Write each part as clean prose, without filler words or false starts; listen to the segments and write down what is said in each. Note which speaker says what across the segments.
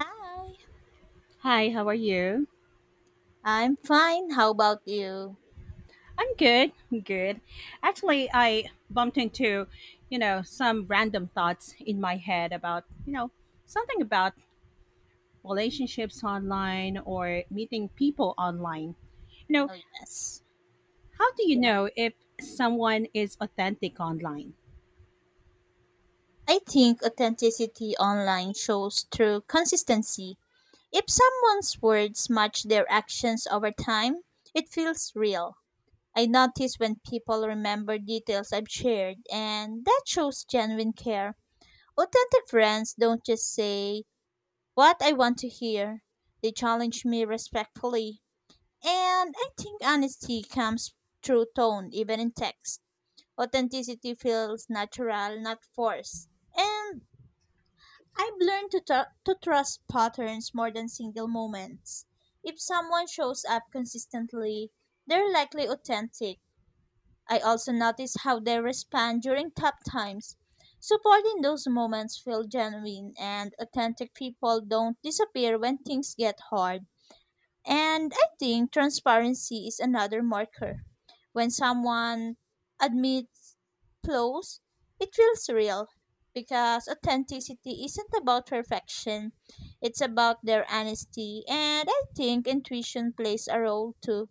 Speaker 1: Hi,
Speaker 2: Hi, how are you?
Speaker 1: I'm fine. How about you?
Speaker 2: I'm good. Actually, I bumped into, some random thoughts in my head about, something about relationships online or meeting people online. You know,
Speaker 1: Oh, yes.
Speaker 2: how do you
Speaker 1: Yeah.
Speaker 2: know if someone is authentic online?
Speaker 1: I think authenticity online shows through consistency. If someone's words match their actions over time, it feels real. I notice when people remember details I've shared, and that shows genuine care. Authentic friends don't just say what I want to hear, they challenge me respectfully. And I think honesty comes through tone, even in text. Authenticity feels natural, not forced. And I've learned to trust patterns more than single moments. If someone shows up consistently, they're likely authentic. I also notice how they respond during tough times. Supporting those moments feel genuine, and authentic people don't disappear when things get hard. And I think transparency is another marker. When someone admits flaws, it feels real because authenticity isn't about perfection, it's about their honesty. And I think intuition plays a role too.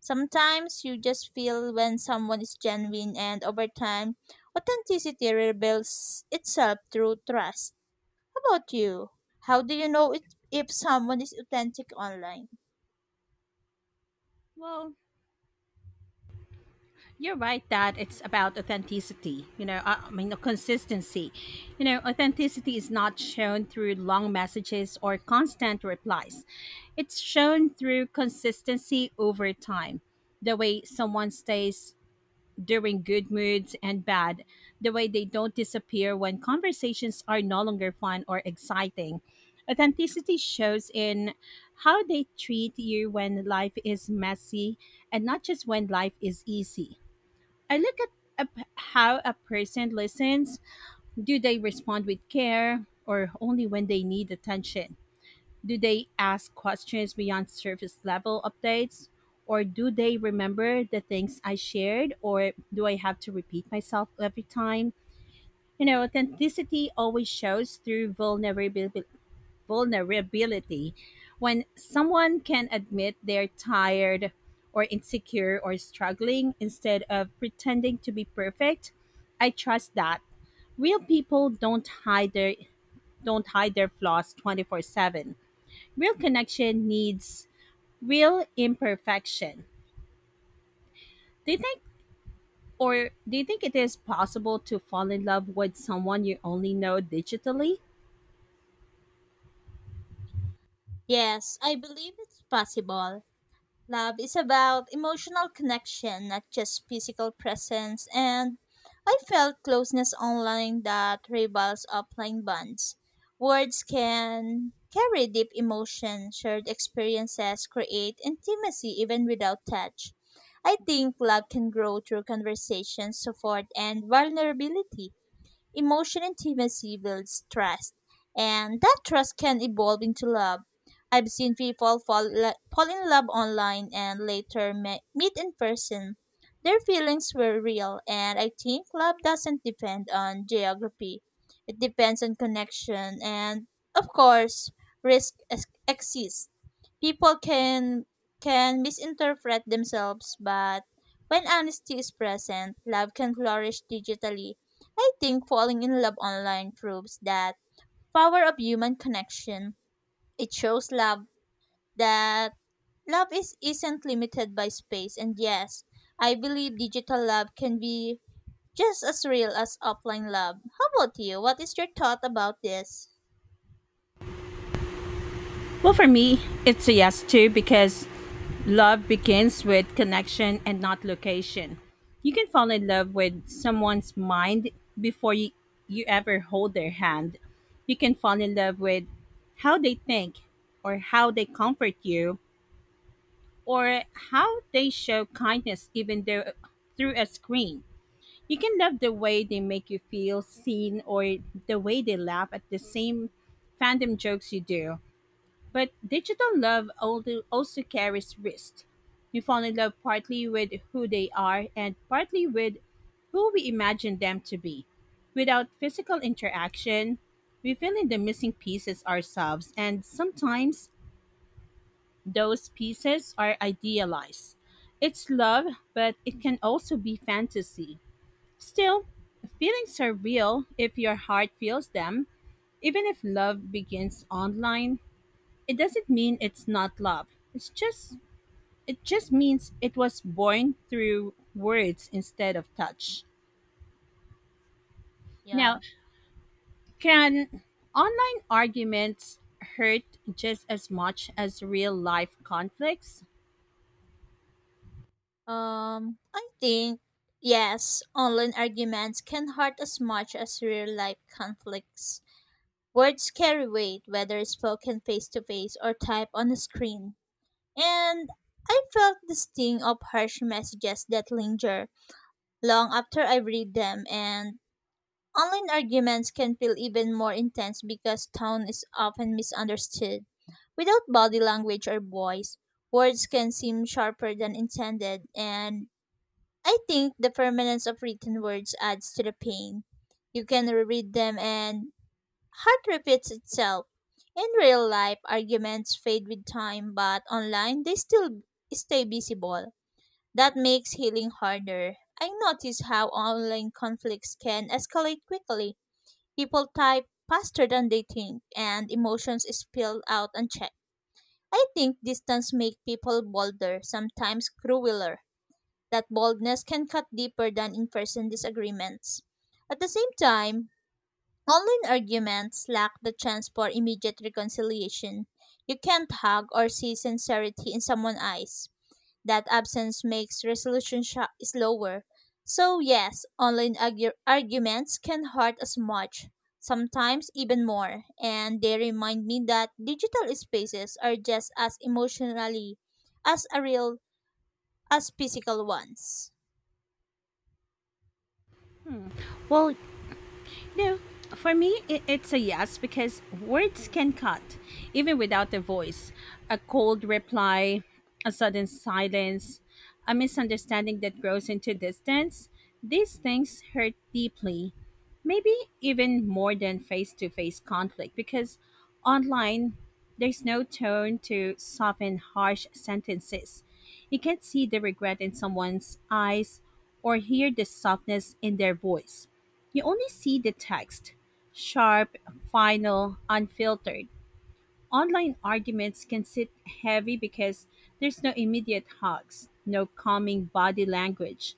Speaker 1: Sometimes you just feel when someone is genuine, and over time, authenticity rebuilds itself through trust. How about you? How do you know it, if someone is authentic online?
Speaker 2: Well, You're right that it's about authenticity, I mean, consistency. You know, authenticity is not shown through long messages or constant replies, it's shown through consistency over time. The way someone stays during good moods and bad, the way they don't disappear when conversations are no longer fun or exciting. Authenticity shows in how they treat you when life is messy and not just when life is easy. I look at how a person listens. Do they respond with care or only when they need attention? Do they ask questions beyond surface level updates? Or do they remember the things I shared? Or do I have to repeat myself every time? You know, authenticity always shows through vulnerability. When someone can admit they're tired or insecure or struggling instead of pretending to be perfect, I trust that. Real people don't hide their flaws 24/7. Real connection needs real imperfection. Do you think or do you think it is possible to fall in love with someone you only know digitally?
Speaker 1: Yes, I believe it's possible. Love is about emotional connection, not just physical presence, and I felt closeness online that rivals offline bonds. Words can carry deep emotion, shared experiences create intimacy even without touch. I think love can grow through conversation, support, and vulnerability. Emotional intimacy builds trust, and that trust can evolve into love. I've seen people fall in love online and later meet in person. Their feelings were real, and I think love doesn't depend on geography. It depends on connection, and of course, risk exists. People can misinterpret themselves, but when honesty is present, love can flourish digitally. I think falling in love online proves that power of human connection. It shows love that love is isn't limited by space and yes, I believe digital love can be just as real as offline love. How about you? What is your thought about this?
Speaker 2: For me, it's a yes too because love begins with connection and not location. You can fall in love with someone's mind before you, you ever hold their hand. You can fall in love with how they think or how they comfort you or how they show kindness even though through a screen. You can love the way they make you feel seen or the way they laugh at the same fandom jokes you do. But digital also carries risk. We fall in love partly with who they are and partly with who we imagine them to be. Without physical interaction, we fill in the missing pieces ourselves, and sometimes those pieces are idealized. It's love, but it can also be fantasy. Still, feelings are real if your heart feels them. Even if love begins online, it doesn't mean it's not love. It's just it just means it was born through words instead of touch. Now,
Speaker 1: Yeah.
Speaker 2: can online arguments hurt just as much as real life conflicts?
Speaker 1: I think yes, online arguments can hurt as much as real life conflicts. Words carry weight whether spoken face to face or typed on a screen. And I felt the sting of harsh messages that linger long after I read them, and online arguments can feel even more intense because tone is often misunderstood. Without body language or voice, words can seem sharper than intended, and I think the permanence of written words adds to the pain. You can reread them and Heart repeats itself. In real life, arguments fade with time, but online, they still stay visible. That makes healing harder. I notice how online conflicts can escalate quickly. People type faster than they think, and emotions spill out unchecked. I think distance makes people bolder, sometimes crueler. That boldness can cut deeper than in person disagreements. At the same time, online arguments lack the chance for immediate reconciliation. You can't hug or see sincerity in someone's eyes. That absence makes resolution slower. So, yes, online arguments can hurt as much, sometimes even more, and they remind me that digital spaces are just as emotionally as a real as physical ones.
Speaker 2: Well, no, for me, I it's a yes because words can cut, even without a voice. A cold reply, a sudden silence, a misunderstanding that grows into distance. These things hurt deeply, maybe even more than face to face conflict because online, there's no tone to soften harsh sentences. You can't see the regret in someone's eyes or hear the softness in their voice. You only see the text, sharp, final, unfiltered. Online arguments can sit heavy because there's no immediate hugs, no calming body language,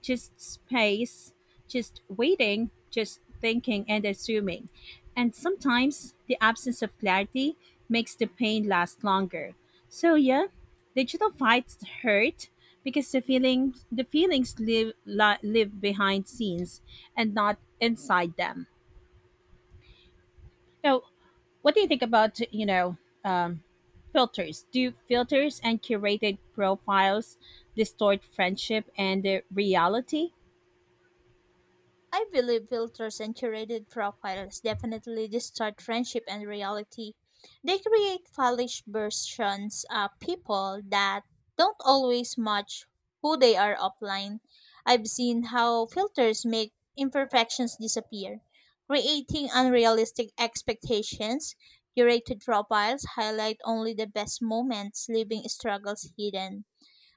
Speaker 2: just space, just waiting, just thinking and assuming. And sometimes the absence of clarity makes the pain last longer. So yeah, digital fights hurt because the feelings live behind scenes and not inside them. Now, what do you think about um, filters? Do filters and curated profiles distort friendship and the reality?
Speaker 1: I believe filters and curated profiles definitely distort friendship and reality. They create polished versions of people that don't always match who they are offline. I've seen how filters make imperfections disappear, creating unrealistic expectations. Curated profiles highlight only the best moments, leaving struggles hidden.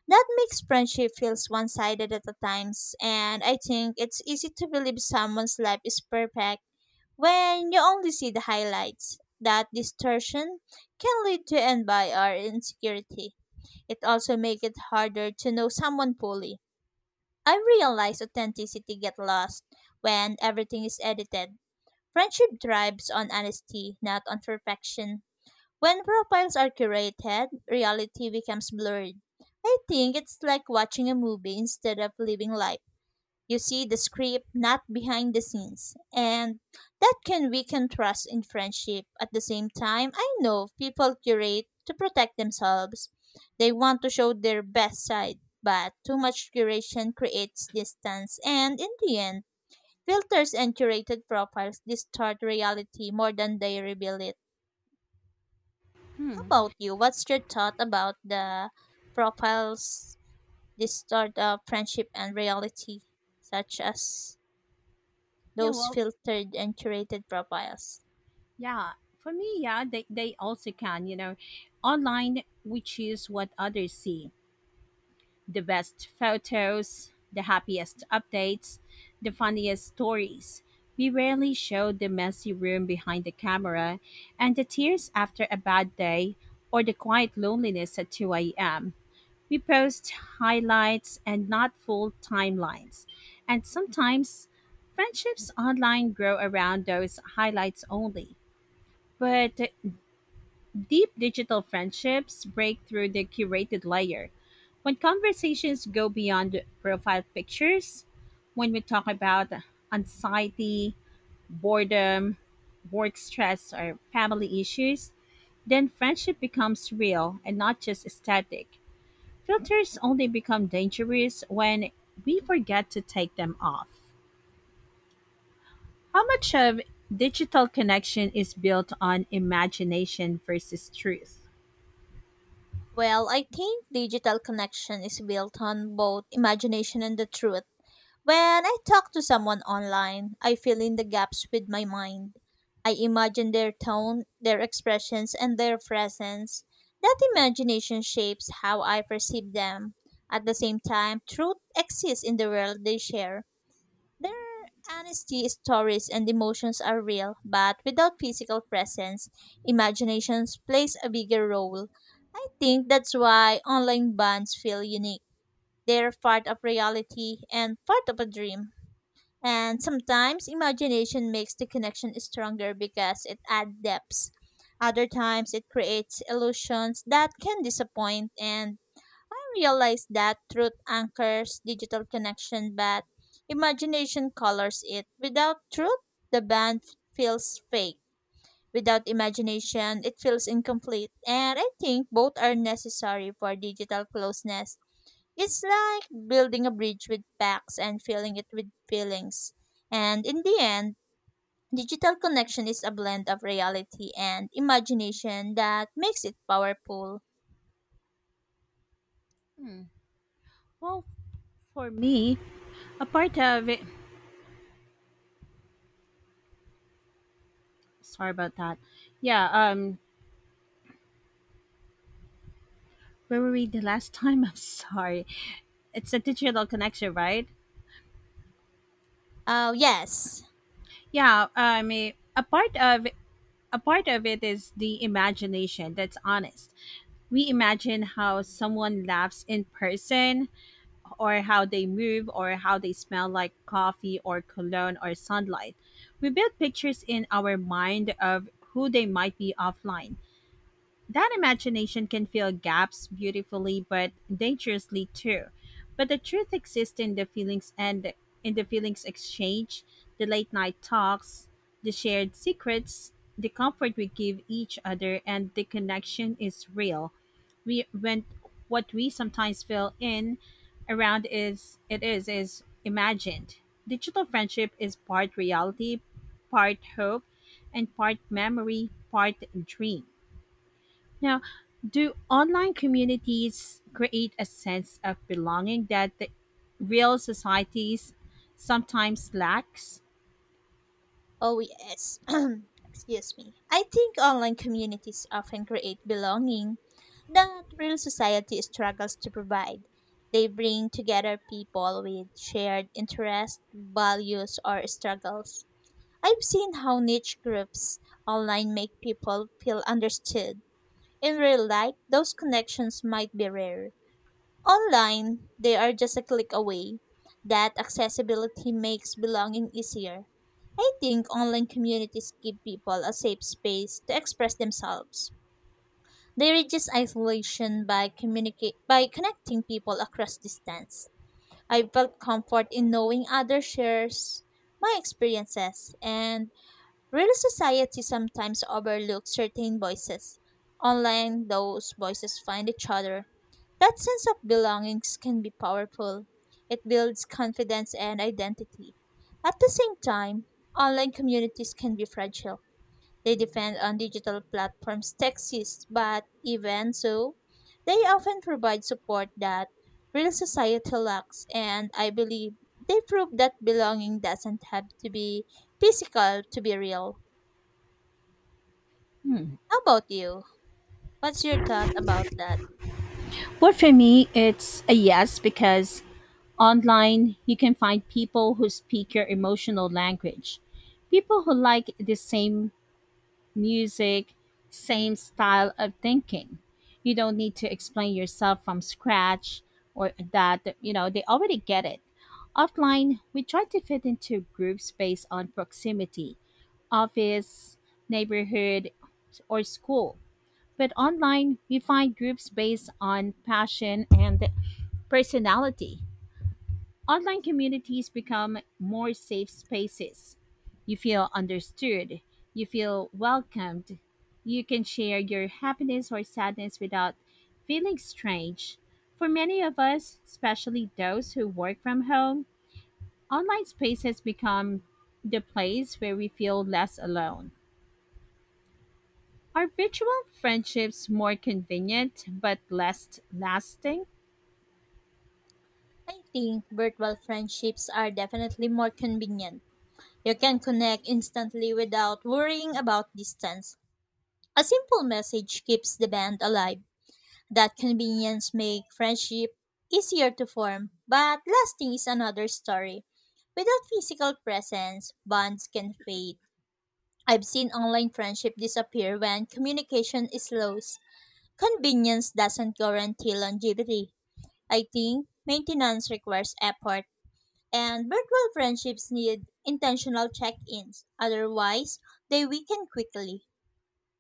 Speaker 1: That makes friendship feels one-sided at the times, and I think it's easy to believe someone's life is perfect when you only see the highlights. That distortion can lead to envy or insecurity. It also makes it harder to know someone fully. I realize authenticity gets lost when everything is edited. Friendship thrives on honesty, not on perfection. When profiles are curated, reality becomes blurred. I think it's like watching a movie instead of living life. You see the script, not behind the scenes. And that can weaken trust in friendship. At the same time, I know people curate to protect themselves. They want to show their best side, but too much curation creates distance. And in the end, filters and curated profiles distort reality more than they reveal it. How about you? What's your thought about the profiles distort of friendship and reality, such as
Speaker 2: Yeah,
Speaker 1: those
Speaker 2: well,
Speaker 1: filtered and curated profiles?
Speaker 2: yeah. For me, yeah, they also can. You know, online we choose what others see: the best photos, the happiest updates, the funniest stories. We rarely show the messy room behind the camera and the tears after a bad day or the quiet loneliness at 2 a.m. We post highlights and not full timelines. And sometimes friendships online grow around those highlights only. But deep digital friendships break through the curated layer. When conversations go beyond profile pictures, when we talk about anxiety, boredom, work stress, or family issues, then friendship becomes real and not just static. Filters only become dangerous when we forget to take them off. How much of digital connection is built on imagination versus truth?
Speaker 1: Well, I think digital connection is built on both imagination and the truth. When I talk to someone online, I fill in the gaps with my mind. I imagine their tone, their expressions, and their presence. That imagination shapes how I perceive them. At the same time, truth exists in the world they share. Their honesty, stories, and emotions are real, but without physical presence, imagination plays a bigger role. I think that's why online bands feel unique. They're part of reality and part of a dream. And sometimes imagination makes the connection stronger because it adds depth. Other times it creates illusions that can disappoint and I realize that truth anchors digital connection but imagination colors it. Without truth, the band feels fake. Without imagination, it feels incomplete. And I think both are necessary for digital closeness. It's like building a bridge with facts and filling it with feelings. And in the end, digital connection is a blend of reality and imagination that makes it powerful.
Speaker 2: Well, for me, a part of it, sorry about that. Yeah, where were we the last time? I'm sorry. It's a digital connection, right?
Speaker 1: Oh, yes.
Speaker 2: Yeah, I mean, a part of it is the imagination that's honest. We imagine how someone laughs in person, or how they move or how they smell like coffee or cologne or sunlight. We build pictures in our mind of who they might be offline. That imagination can fill gaps beautifully but dangerously too, but the truth exists in the feelings, and in the feelings exchange, the late night talks, the shared secrets, the comfort we give each other. And the connection is real. We when what we sometimes feel in around is imagined. Digital friendship is part reality, part hope, and part memory, part dream. Now, do online communities create a sense of belonging that the real societies sometimes lacks?
Speaker 1: Oh, yes. Excuse me. I think online communities often create belonging that real society struggles to provide. They bring together people with shared interests, values, or struggles. I've seen how niche groups online make people feel understood. In real life, those connections might be rare. Online, they are just a click away. That accessibility makes belonging easier. I think online communities give people a safe space to express themselves. They reduce isolation by communicate by connecting people across distance. I felt comfort in knowing others shares my experiences and real society sometimes overlooks certain voices. Online, those voices find each other. That sense of belongings can be powerful. It builds confidence and identity. At the same time, online communities can be fragile. They depend on digital platforms to exist, but even so, they often provide support that real society lacks, and I believe they prove that belonging doesn't have to be physical to be real.
Speaker 2: Hmm.
Speaker 1: How about you? What's your thought about that?
Speaker 2: Well, for me, it's a yes because online you can find people who speak your emotional language, people who like the same music, same style of thinking. You don't need to explain yourself from scratch or that, you know, they already get it. Offline, we try to fit into groups based on proximity, office, neighborhood, or school. But online, we find groups based on passion and personality. Online communities become more safe spaces. You feel understood, you feel welcomed, you can share your happiness or sadness without feeling strange. For many of us, especially those who work from home, online spaces become the place where we feel less alone. Are virtual friendships more convenient but less lasting?
Speaker 1: I think virtual friendships are definitely more convenient. You can connect instantly without worrying about distance. A simple message keeps the band alive. That convenience makes friendship easier to form, but lasting is another story. Without physical presence, bonds can fade. I've seen online friendship disappear when communication is lost. Convenience doesn't guarantee longevity. I think maintenance requires effort, and virtual friendships need intentional check ins, otherwise, they weaken quickly.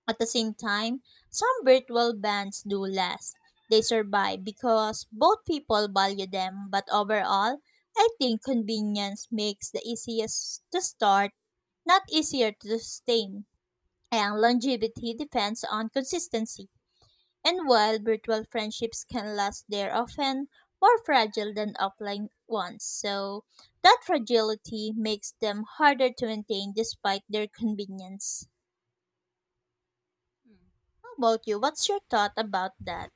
Speaker 1: At the same time, some virtual bands do last. They survive because both people value them, but overall, I think convenience makes the easiest to start, not easier to sustain, and longevity depends on consistency. And while virtual friendships can last, they're often more fragile than offline ones. So that fragility makes them harder to maintain despite their convenience. How about you? What's your thought about that?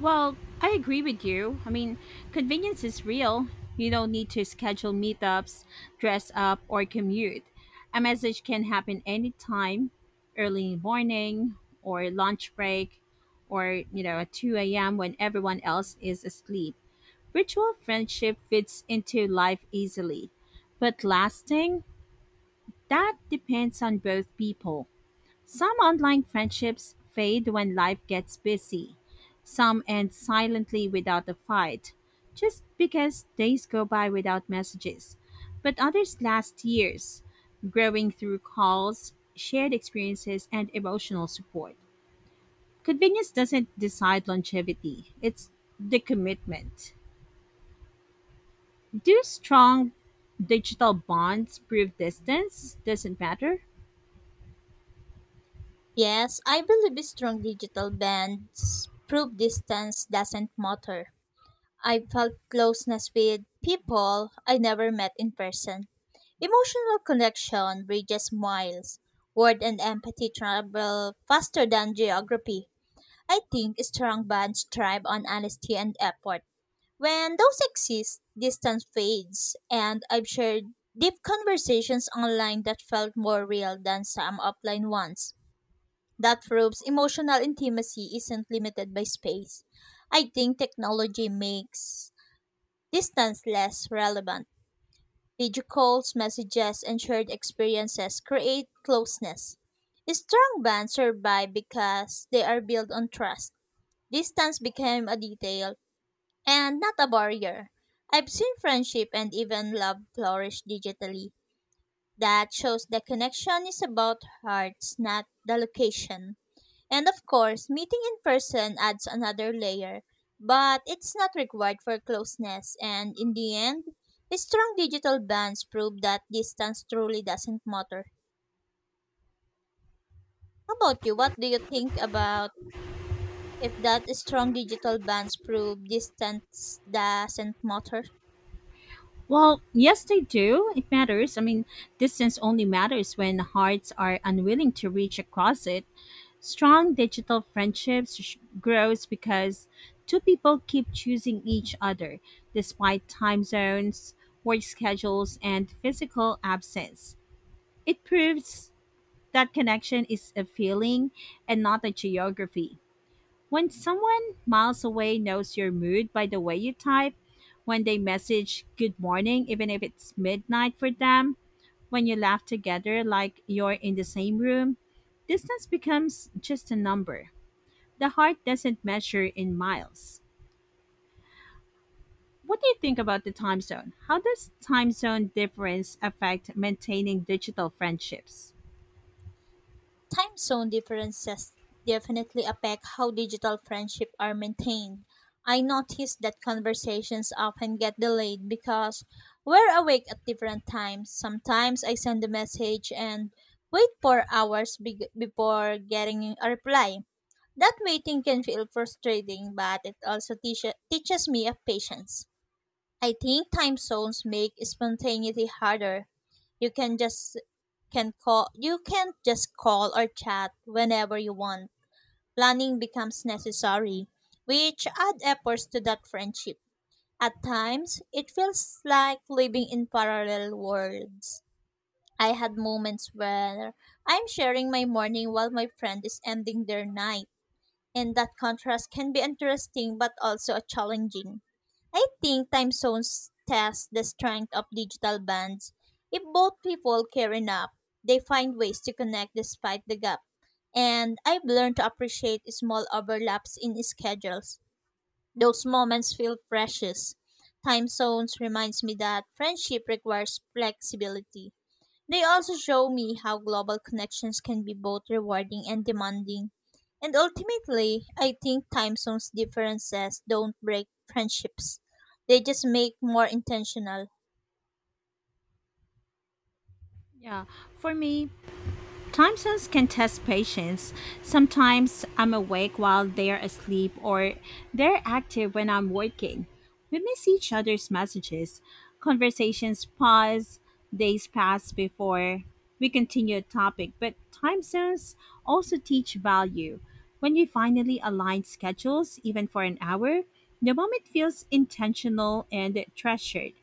Speaker 2: Well, I agree with you. I mean, convenience is real. You don't need to schedule meetups, dress up, or commute. A message can happen anytime, early morning, or lunch break, or, you know, at 2 a.m. when everyone else is asleep. Virtual friendship fits into life easily. But lasting, that depends on both people. Some online friendships fade when life gets busy. Some end silently without a fight, just because days go by without messages. But others last years, growing through calls, shared experiences, and emotional support. Convenience doesn't decide longevity, it's the commitment. Do strong digital bonds prove distance doesn't matter?
Speaker 1: Yes, I believe a strong digital bands prove distance doesn't matter. I felt closeness with people I never met in person. Emotional connection bridges miles. Word and empathy travel faster than geography. I think strong bonds thrive on honesty and effort. When those exist, distance fades, and I've shared deep conversations online that felt more real than some offline ones. That proves emotional intimacy isn't limited by space. I think technology makes distance less relevant. Video calls, messages, and shared experiences create closeness. Strong bonds survive because they are built on trust. Distance became a detail and not a barrier. I've seen friendship and even love flourish digitally. That shows the connection is about hearts, not the location. And of course, meeting in person adds another layer, but it's not required for closeness. And in the end, strong digital bands prove that distance truly doesn't matter. How about you? What do you think about if that strong digital bands prove distance doesn't matter?
Speaker 2: Well, yes, they do. It matters. I mean, distance only matters when hearts are unwilling to reach across it. Strong digital grows because two people keep choosing each other despite time zones, work schedules, and physical absence. It proves that connection is a feeling and not a geography. When someone miles away knows your mood by the way you type, when they message good morning, even if it's midnight for them, when you laugh together like you're in the same room, distance becomes just a number. The heart doesn't measure in miles. What do you think about the time zone? How does time zone difference affect maintaining digital friendships?
Speaker 1: Time zone differences definitely affect how digital friendships are maintained. I noticed that conversations often get delayed because we're awake at different times. Sometimes I send a message and wait for hours before getting a reply. That waiting can feel frustrating, but it also teaches me of patience. I think time zones make spontaneity harder. You can just you can just call or chat whenever you want. Planning becomes necessary, which add efforts to that friendship. At times, it feels like living in parallel worlds. I had moments where I'm sharing my morning while my friend is ending their night and that contrast can be interesting but also challenging. I think time zones test the strength of digital bands. If both people care enough, they find ways to connect despite the gap. And I've learned to appreciate small overlaps in schedules. Those moments feel precious. Time zones reminds me that friendship requires flexibility. They also show me how global connections can be both rewarding and demanding. And ultimately, I think time zones differences don't break friendships. They just make more intentional.
Speaker 2: Yeah, for me, time zones can test patience. Sometimes I'm awake while they're asleep, or they're active when I'm working. We miss each other's messages. Conversations pause, days pass before we continue a topic, but time zones also teach value. When we finally align schedules, even for an hour, the moment feels intentional and treasured.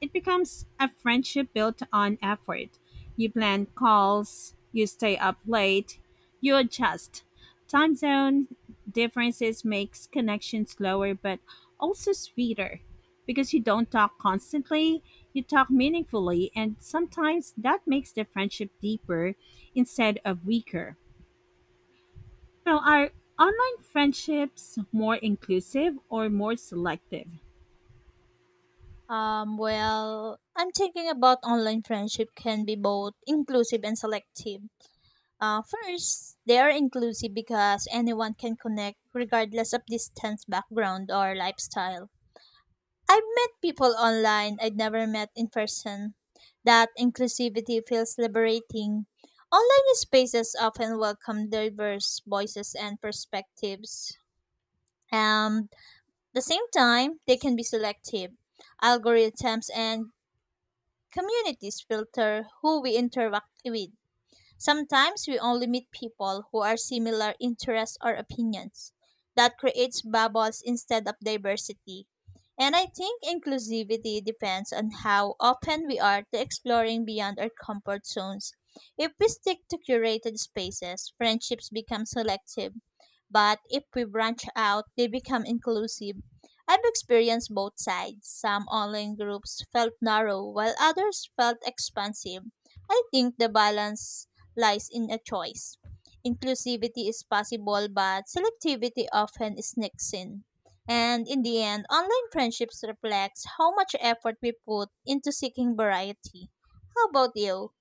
Speaker 2: It becomes a friendship built on effort. You plan calls, you stay up late, you adjust. Time zone differences makes connections slower but also sweeter because you don't talk constantly, you talk meaningfully, and sometimes that makes the friendship deeper instead of weaker. Now, are online friendships more inclusive or more selective?
Speaker 1: Well, I'm thinking about online friendship can be both inclusive and selective. First, they are inclusive because anyone can connect regardless of distance, background, or lifestyle. I've met people online I'd never met in person. That inclusivity feels liberating. Online spaces often welcome diverse voices and perspectives. And at the same time, they can be selective. Algorithms and communities filter who we interact with. Sometimes we only meet people who are similar interests or opinions. That creates bubbles instead of diversity. And I think inclusivity depends on how open we are to exploring beyond our comfort zones. If we stick to curated spaces, friendships become selective. But if we branch out, they become inclusive. I've experienced both sides. Some online groups felt narrow, while others felt expansive. I think the balance lies in a choice. Inclusivity is possible, but selectivity often sneaks in. And in the end, online friendships reflects how much effort we put into seeking variety. How about you?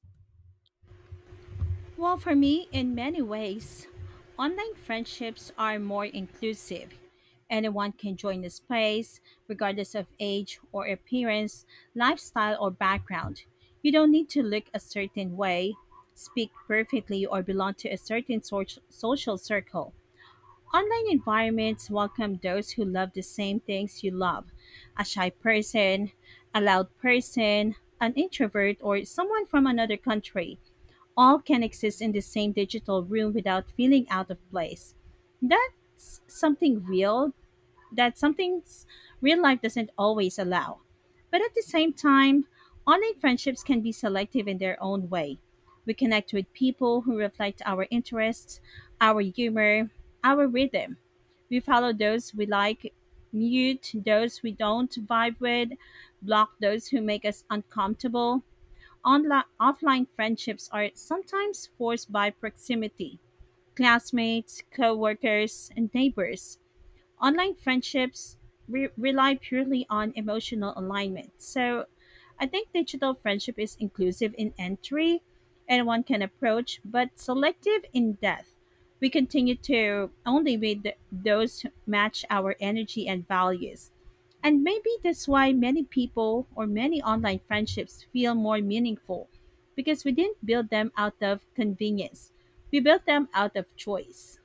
Speaker 2: Well, for me, in many ways, online friendships are more inclusive. Anyone can join the space, regardless of age or appearance, lifestyle, or background. You don't need to look a certain way, speak perfectly, or belong to a certain social circle. Online environments welcome those who love the same things you love. A shy person, a loud person, an introvert, or someone from another country, all can exist in the same digital room without feeling out of place. That's something real, that something s- real life doesn't always allow. But at the same time, online friendships can be selective in their own way. We connect with people who reflect our interests, our humor, our rhythm. We follow those we like, mute those we don't vibe with, block those who make us uncomfortable. Online, offline friendships are sometimes forced by proximity, classmates, coworkers, and neighbors. Online rely purely on emotional alignment. So I think digital friendship is inclusive in entry, anyone can approach, but selective in depth. We continue to only with those who match our energy and values. And maybe that's why many people or many online friendships feel more meaningful because we didn't build them out of convenience. We built them out of choice.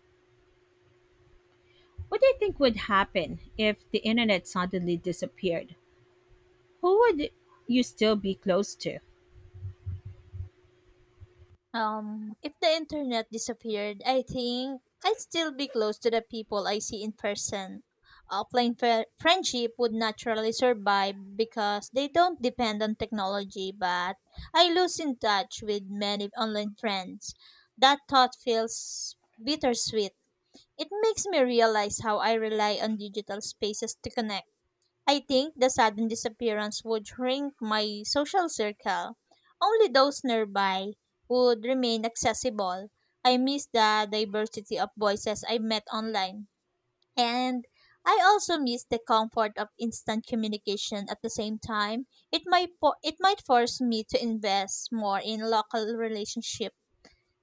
Speaker 2: What do you think would happen if the internet suddenly disappeared? Who would you still be close to?
Speaker 1: If the internet disappeared, I think I'd still be close to the people I see in person. Offline fri friendship would naturally survive because they don't depend on technology, but I lose in touch with many online friends. That thought feels bittersweet. It makes me realize how I rely on digital spaces to connect. I think the sudden disappearance would shrink my social circle. Only those nearby would remain accessible. I miss the diversity of voices I met online. And I also miss the comfort of instant communication at the same time. It might force me to invest more in local relationships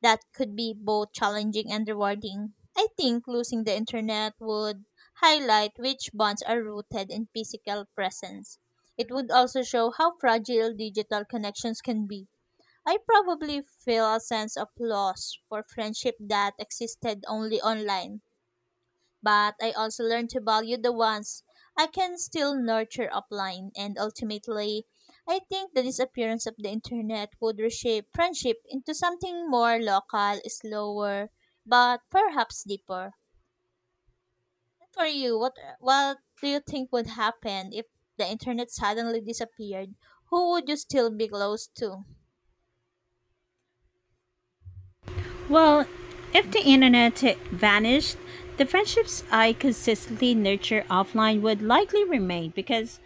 Speaker 1: that could be both challenging and rewarding. I think losing the internet would highlight which bonds are rooted in physical presence. It would also show how fragile digital connections can be. I probably feel a sense of loss for friendship that existed only online but I also learned to value the ones I can still nurture offline. And ultimately, I think the disappearance of the internet would reshape friendship into something more local, slower, but perhaps deeper. For you, what do you think would happen if the internet suddenly disappeared? Who would you still be close to?
Speaker 2: Well, if the internet vanished, the friendships I consistently nurture offline would likely remain because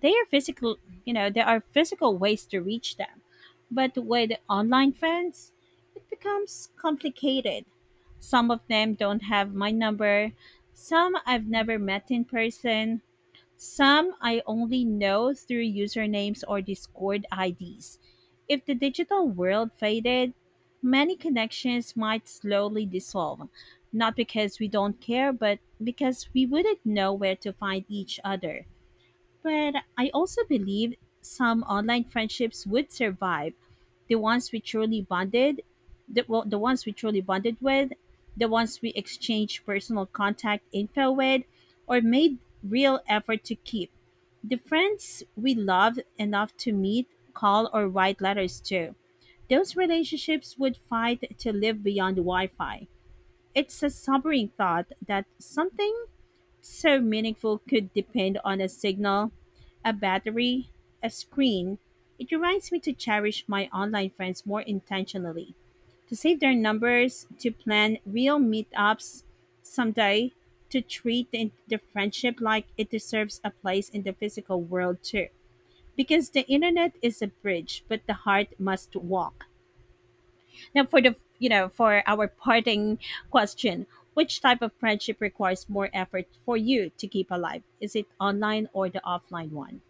Speaker 2: they are physical, you know, there are physical ways to reach them. But with online friends, it becomes complicated. Some of them don't have my number, some I've never met in person, some I only know through usernames or Discord IDs. If the digital world faded, many connections might slowly dissolve, not because we don't care, but because we wouldn't know where to find each other. But I also believe some online friendships would survive. The ones we truly bonded, the ones we truly bonded with, the ones we exchanged personal contact info with, or made real effort to keep. The friends we loved enough to meet, call, or write letters to. Those relationships would fight to live beyond Wi Fi. It's a sobering thought that something so meaningful could depend on a signal, a battery, a screen. It reminds me to cherish my online friends more intentionally, to save their numbers, to plan real meetups someday, to treat the friendship like it deserves a place in the physical world too because the internet is a bridge, but the heart must walk. Now, for for our parting question, which type of friendship requires more effort for you to keep alive? Is it online or the offline one?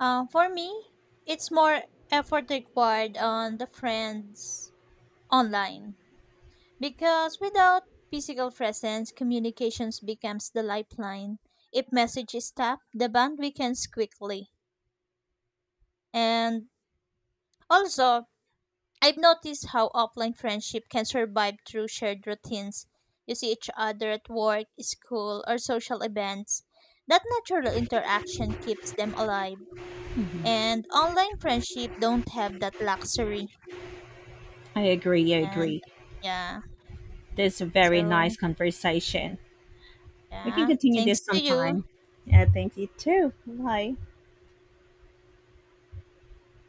Speaker 1: For me, it's more effort required on the friends online. Because without physical presence, communications becomes the lifeline. If message is tapped, the bond weakens quickly. And also, I've noticed how offline friendship can survive through shared routines. You see each other at work, school, or social events. That natural interaction keeps them alive. And online friendship don't have that luxury.
Speaker 2: I agree. I
Speaker 1: And
Speaker 2: agree.
Speaker 1: yeah,
Speaker 2: This is a very nice
Speaker 1: so
Speaker 2: conversation. We can
Speaker 1: yeah,
Speaker 2: continue
Speaker 1: thanks
Speaker 2: this
Speaker 1: to you.
Speaker 2: sometime. Yeah, thank you too. Bye.